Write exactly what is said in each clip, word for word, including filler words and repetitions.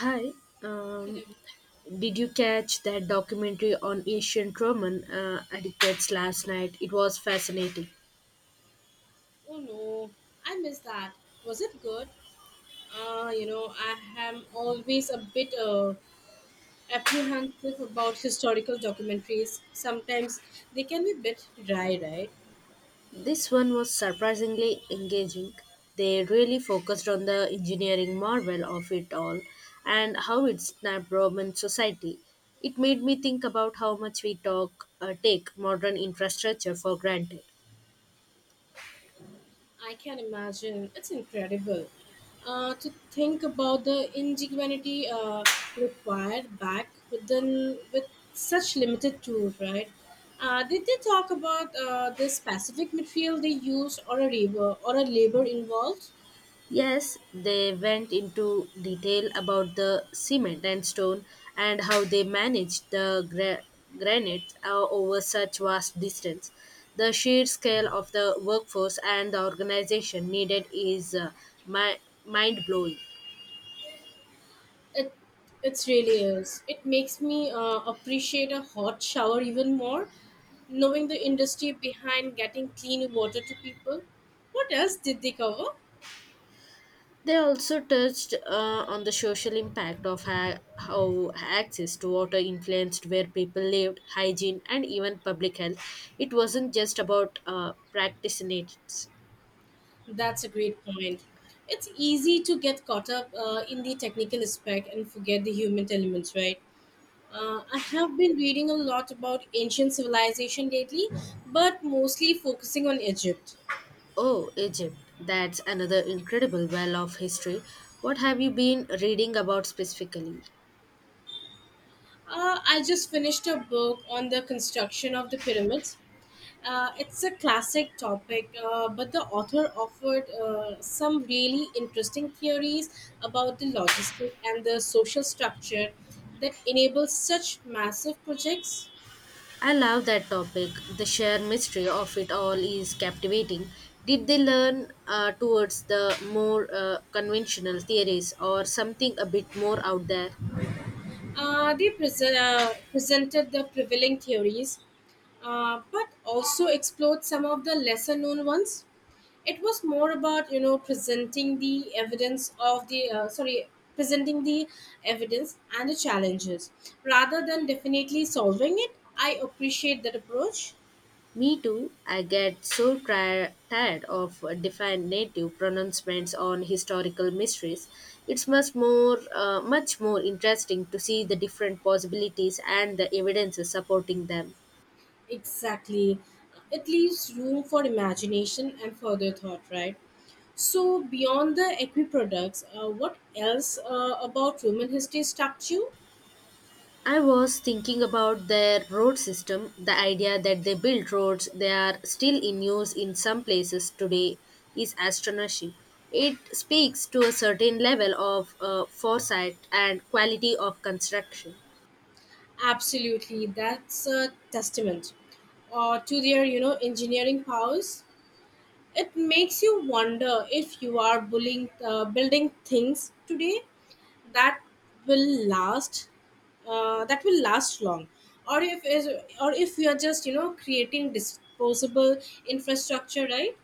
Hi, um, Hello. did you catch that documentary on ancient Roman uh, etiquettes last night? It was fascinating. Oh no, I missed that. Was it good? Uh, you know, I am always a bit uh, apprehensive about historical documentaries. Sometimes they can be a bit dry, right? This one was surprisingly engaging. They really focused on the engineering marvel of it all, and how it snapped Roman society. It made me think about how much we talk, uh, take modern infrastructure for granted. I can imagine. It's incredible. Uh, to think about the ingenuity uh, required back then with such limited tools, right? Uh, did they talk about uh, the specific material they used, or a labor or a labor involved? Yes, they went into detail about the cement and stone, and how they managed the gra- granite uh, over such vast distance. The sheer scale of the workforce and the organization needed is uh, mi- mind blowing. It it really is. It makes me uh, appreciate a hot shower even more, knowing the industry behind getting clean water to people. What else did they cover? They also touched uh, on the social impact of ha- how access to water influenced where people lived, hygiene, and even public health. It wasn't just about uh, practitioners. That's a great point. It's easy to get caught up uh, in the technical aspect and forget the human elements, right? Uh, I have been reading a lot about ancient civilization lately, but mostly focusing on Egypt. Oh, Egypt. That's another incredible well of history. What have you been reading about specifically? Uh, I just finished a book on the construction of the pyramids. Uh, it's a classic topic, uh, but the author offered uh, some really interesting theories about the logistics and the social structure that enables such massive projects. I love that topic. The sheer mystery of it all is captivating. Did they learn uh, towards the more uh, conventional theories, or something a bit more out there? Uh, they presen- uh, presented the prevailing theories, uh, but also explored some of the lesser known ones. It was more about you know presenting the evidence of the uh, sorry presenting the evidence and the challenges rather than definitely solving it. I appreciate that approach. Me too. I get so tri- tired of defined native pronouncements on historical mysteries. It's much more, uh, much more interesting to see the different possibilities and the evidences supporting them. Exactly, it leaves room for imagination and further thought. Right. So, beyond the equi products, uh, what else uh, about Roman history struck you? I was thinking about their road system. The idea that they built roads they are still in use in some places today is astonishing. It speaks to a certain level of uh, foresight and quality of construction. Absolutely, that's a testament uh, to their, you know, engineering powers. It makes you wonder if you are bullying, uh, building things today that will last, uh, that will last long, or if is, or if we are just, you know, creating disposable infrastructure, right?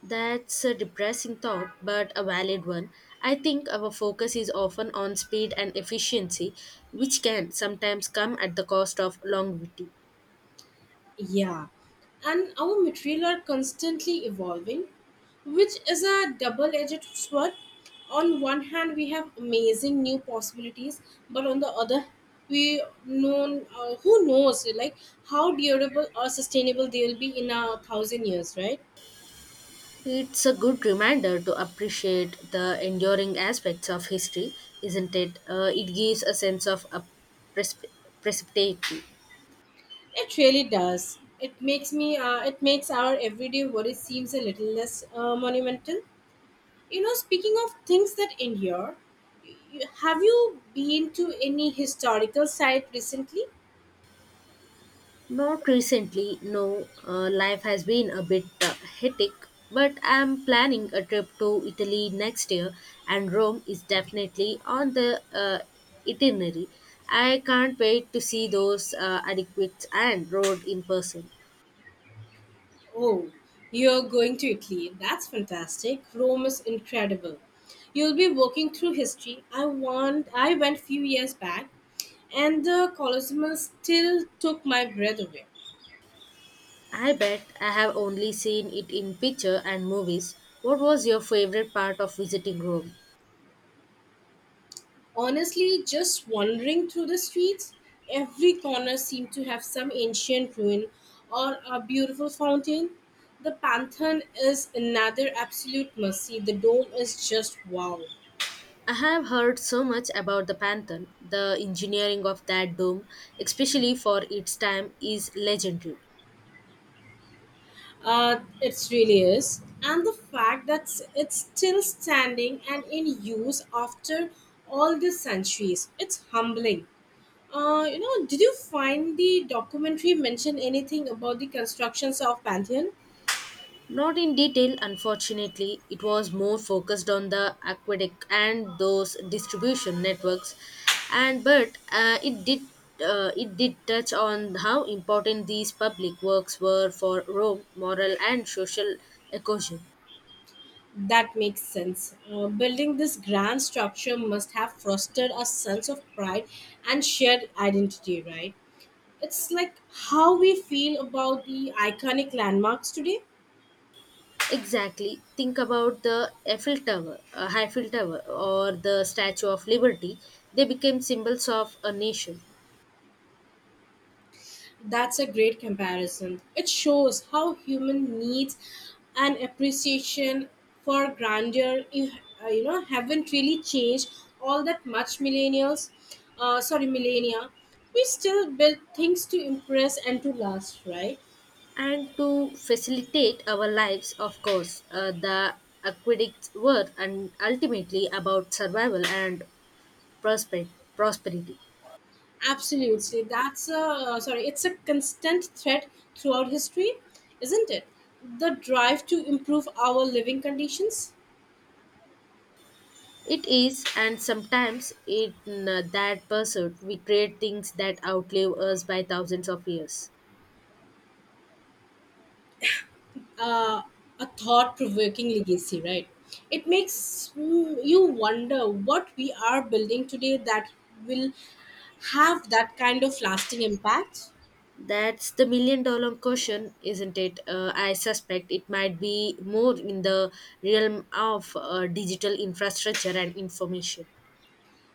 That's a depressing thought, but a valid one. I think our focus is often on speed and efficiency, which can sometimes come at the cost of longevity. Yeah, and our material are constantly evolving, which is a double edged sword. On one hand, we have amazing new possibilities, but on the other, we know uh, who knows like how durable or sustainable they will be in a thousand years, right? It's a good reminder to appreciate the enduring aspects of history, isn't it? Uh, it gives a sense of a precip- precipitation. It really does. It makes me. Uh, it makes our everyday worry seems a little less uh, monumental. You know, speaking of things that endure, you- have you been to any historical site recently? Not recently, no. Uh, life has been a bit uh, hectic, but I'm planning a trip to Italy next year, and Rome is definitely on the uh, itinerary. I can't wait to see those uh, adequate and road in person. Oh, you're going to Italy. That's fantastic. Rome is incredible. You'll be walking through history. I want I went few years back and the Colosseum still took my breath away. I bet, I have only seen it in picture and movies. What was your favorite part of visiting Rome? Honestly, just wandering through the streets, every corner seemed to have some ancient ruin or a beautiful fountain. The Pantheon is another absolute mercy. The dome is just wow. I have heard so much about the Pantheon. The engineering of that dome, especially for its time, is legendary. Uh, it really is. And the fact that s- it's still standing and in use after all these centuries, it's humbling. Uh, you know, did you find the documentary mention anything about the constructions of Pantheon? Not in detail, unfortunately. It was more focused on the aqueduct and those distribution networks, and but uh, it did uh, it did touch on how important these public works were for Rome, moral and social cohesion. That makes sense. Uh, building this grand structure must have fostered a sense of pride and shared identity, right? It's like how we feel about the iconic landmarks today. Exactly. Think about the Eiffel Tower, uh, Eiffel Tower, or the Statue of Liberty. They became symbols of a nation. That's a great comparison. It shows how human needs and appreciation for grandeur, you, uh, you know, haven't really changed all that much. Millennials, uh, sorry, millennia, we still build things to impress and to last, right? And to facilitate our lives, of course, uh, the aqueducts were and ultimately about survival and prosper- prosperity. Absolutely. That's a uh, sorry, it's a constant threat throughout history, isn't it? The drive to improve our living conditions, It is, and sometimes in uh, that pursuit, we create things that outlive us by thousands of years. uh, a thought provoking legacy, right? It makes mm, you wonder what we are building today that will have that kind of lasting impact. That's the million dollar question, isn't it? Uh, I suspect it might be more in the realm of uh, digital infrastructure and information.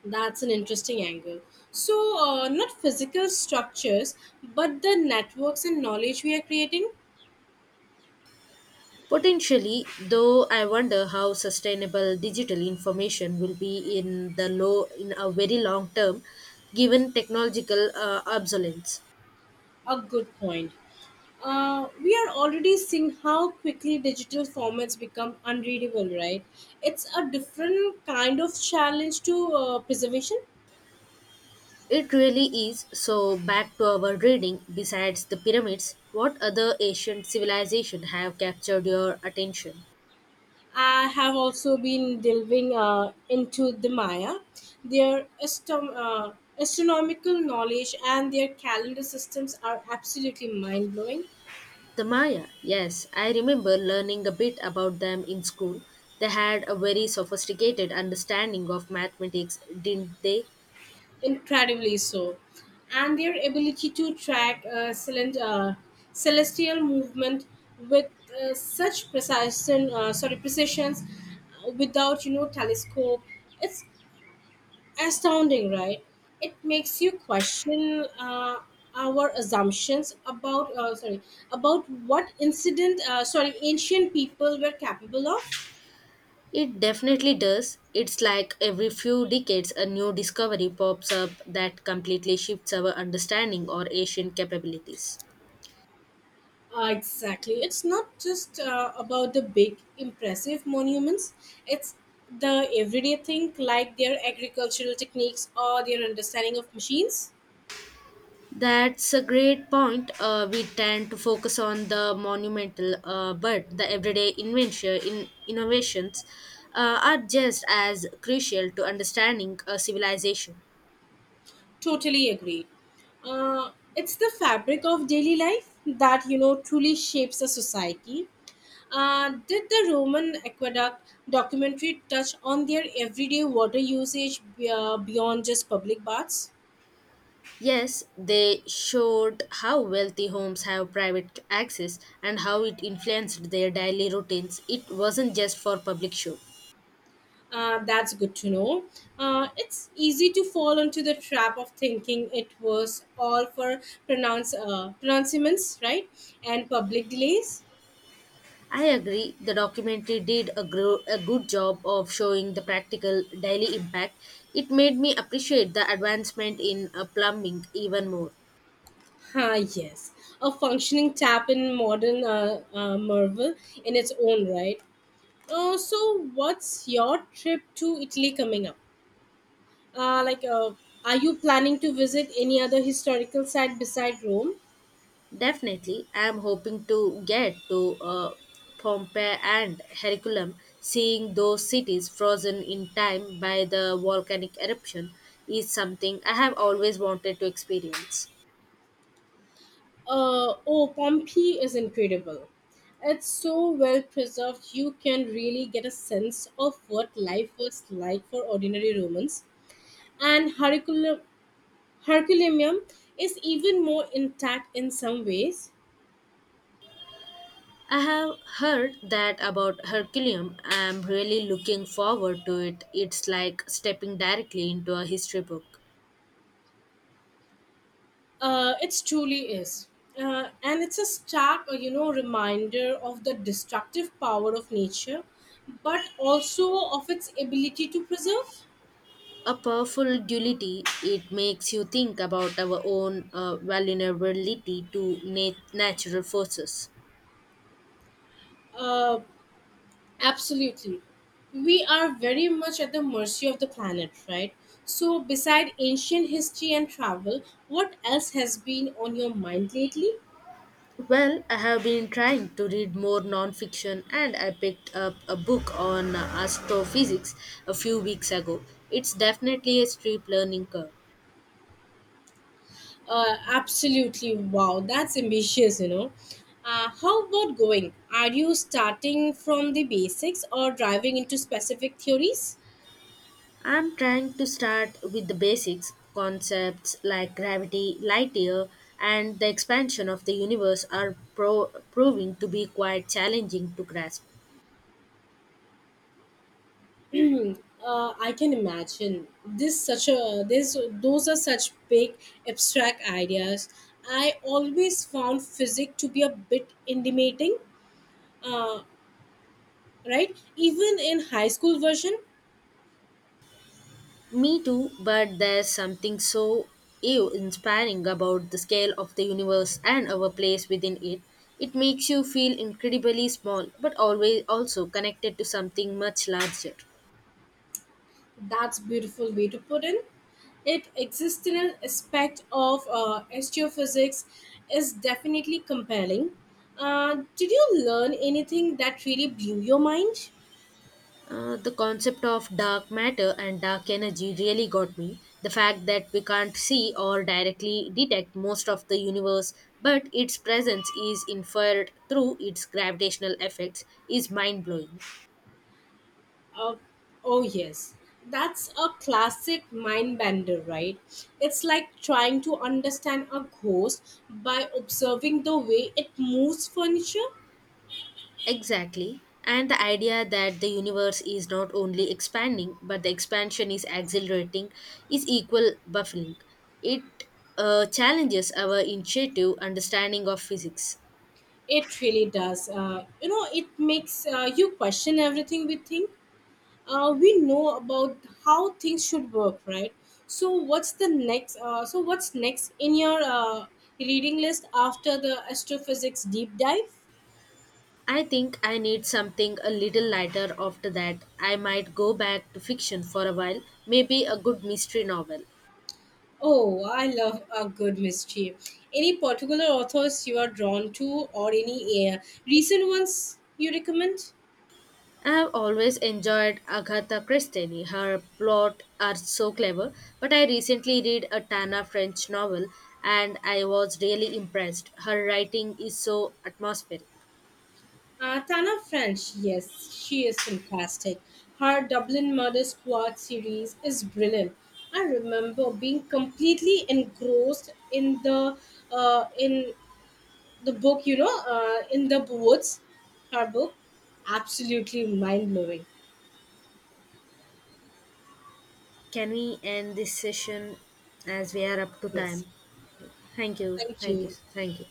That's an interesting angle. So, uh, not physical structures, but the networks and knowledge we are creating. Potentially, though, I wonder how sustainable digital information will be in the low in a very long term, given technological uh, obsolescence. A good point. Uh, we are already seeing how quickly digital formats become unreadable, right? It's a different kind of challenge to uh, preservation. It really is. So, back to our reading. Besides the pyramids, what other ancient civilization have captured your attention? I have also been delving uh, into the Maya, their astom- uh, astronomical knowledge and their calendar systems are absolutely mind blowing. The Maya. Yes, I remember learning a bit about them in school. They had a very sophisticated understanding of mathematics, didn't they? Incredibly so, and their ability to track uh, celen- uh, celestial movement with uh, such precision uh, sorry precisions uh, without you know telescope, it's astounding, right? It makes you question uh, our assumptions about uh, sorry about what incident uh, sorry ancient people were capable of. It definitely does. It's like every few decades a new discovery pops up that completely shifts our understanding or Asian capabilities. Uh, exactly. It's not just uh, about the big, impressive monuments, it's the everyday thing like their agricultural techniques or their understanding of machines. That's a great point. Uh, we tend to focus on the monumental, uh, but the everyday invention, in, innovations uh, are just as crucial to understanding a civilization. Totally agree. Uh, it's the fabric of daily life that, you know, truly shapes a society. Uh, did the Roman aqueduct documentary touch on their everyday water usage uh, beyond just public baths? Yes, they showed how wealthy homes have private access and how it influenced their daily routines. It wasn't just for public show. Uh, that's good to know. Uh, it's easy to fall into the trap of thinking it was all for pronounce uh, pronouncements, right? And public delays. I agree, the documentary did a, gro- a good job of showing the practical daily impact. It made me appreciate the advancement in uh, plumbing even more. Ah, yes, a functioning tap in modern uh, uh, Marvel in its own right. Uh, so, what's your trip to Italy coming up? Uh, like, uh, are you planning to visit any other historical site beside Rome? Definitely, I'm hoping to get to uh, Pompeii and Herculaneum. Seeing those cities frozen in time by the volcanic eruption is something I have always wanted to experience. Uh, oh, Pompeii is incredible. It's so well preserved, you can really get a sense of what life was like for ordinary Romans. And Hercule- Herculaneum is even more intact in some ways. I have heard that about Herculaneum. I'm really looking forward to it. It's like stepping directly into a history book. Uh, it truly is. Uh, and it's a stark, uh, you know, reminder of the destructive power of nature, but also of its ability to preserve. A powerful duality, it makes you think about our own uh, vulnerability to nat- natural forces. Uh, Absolutely. We are very much at the mercy of the planet, right? So, beside ancient history and travel, what else has been on your mind lately? Well, I have been trying to read more nonfiction, and I picked up a book on uh, astrophysics a few weeks ago. It's definitely a steep learning curve. Uh, absolutely. Wow, that's ambitious, you know. Uh, how about going? Are you starting from the basics or driving into specific theories? I'm trying to start with the basics. Concepts like gravity, light year, and the expansion of the universe are pro- proving to be quite challenging to grasp. Uh, I can imagine this such a this those are such big abstract ideas. I always found physics to be a bit intimidating, uh, right? Even in high school version, Me too, but there's something so ew inspiring about the scale of the universe and our place within it. It makes you feel incredibly small, but always also connected to something much larger. that's beautiful way to put in. It existential aspect of uh, astrophysics is definitely compelling. Uh, did you learn anything that really blew your mind? Uh, the concept of dark matter and dark energy really got me. The fact that we can't see or directly detect most of the universe, but its presence is inferred through its gravitational effects, is mind blowing. Uh, oh, yes. That's a classic mind bender, right? It's like trying to understand a ghost by observing the way it moves furniture. Exactly. And the idea that the universe is not only expanding, but the expansion is accelerating is equal baffling. It uh, challenges our intuitive understanding of physics. It really does. Uh, you know, it makes uh, you question everything we think. Uh, we know about how things should work, right? So what's the next? Uh, so what's next in your uh, reading list after the astrophysics deep dive? I think I need something a little lighter after that. I might go back to fiction for a while, maybe a good mystery novel. Oh, I love a good mystery. Any particular authors you are drawn to, or any uh, recent ones you recommend? I've always enjoyed Agatha Christie. Her plots are so clever, but I recently read a Tana French novel and I was really impressed. Her writing is so atmospheric. Uh, Tana French, yes, she is fantastic. Her Dublin Murder Squad series is brilliant. I remember being completely engrossed in the uh, in the book, you know, uh, In the Woods. Her book, absolutely mind blowing. Can we end this session as we are up to time? Yes, Thank you, thank thank you, you. thank you.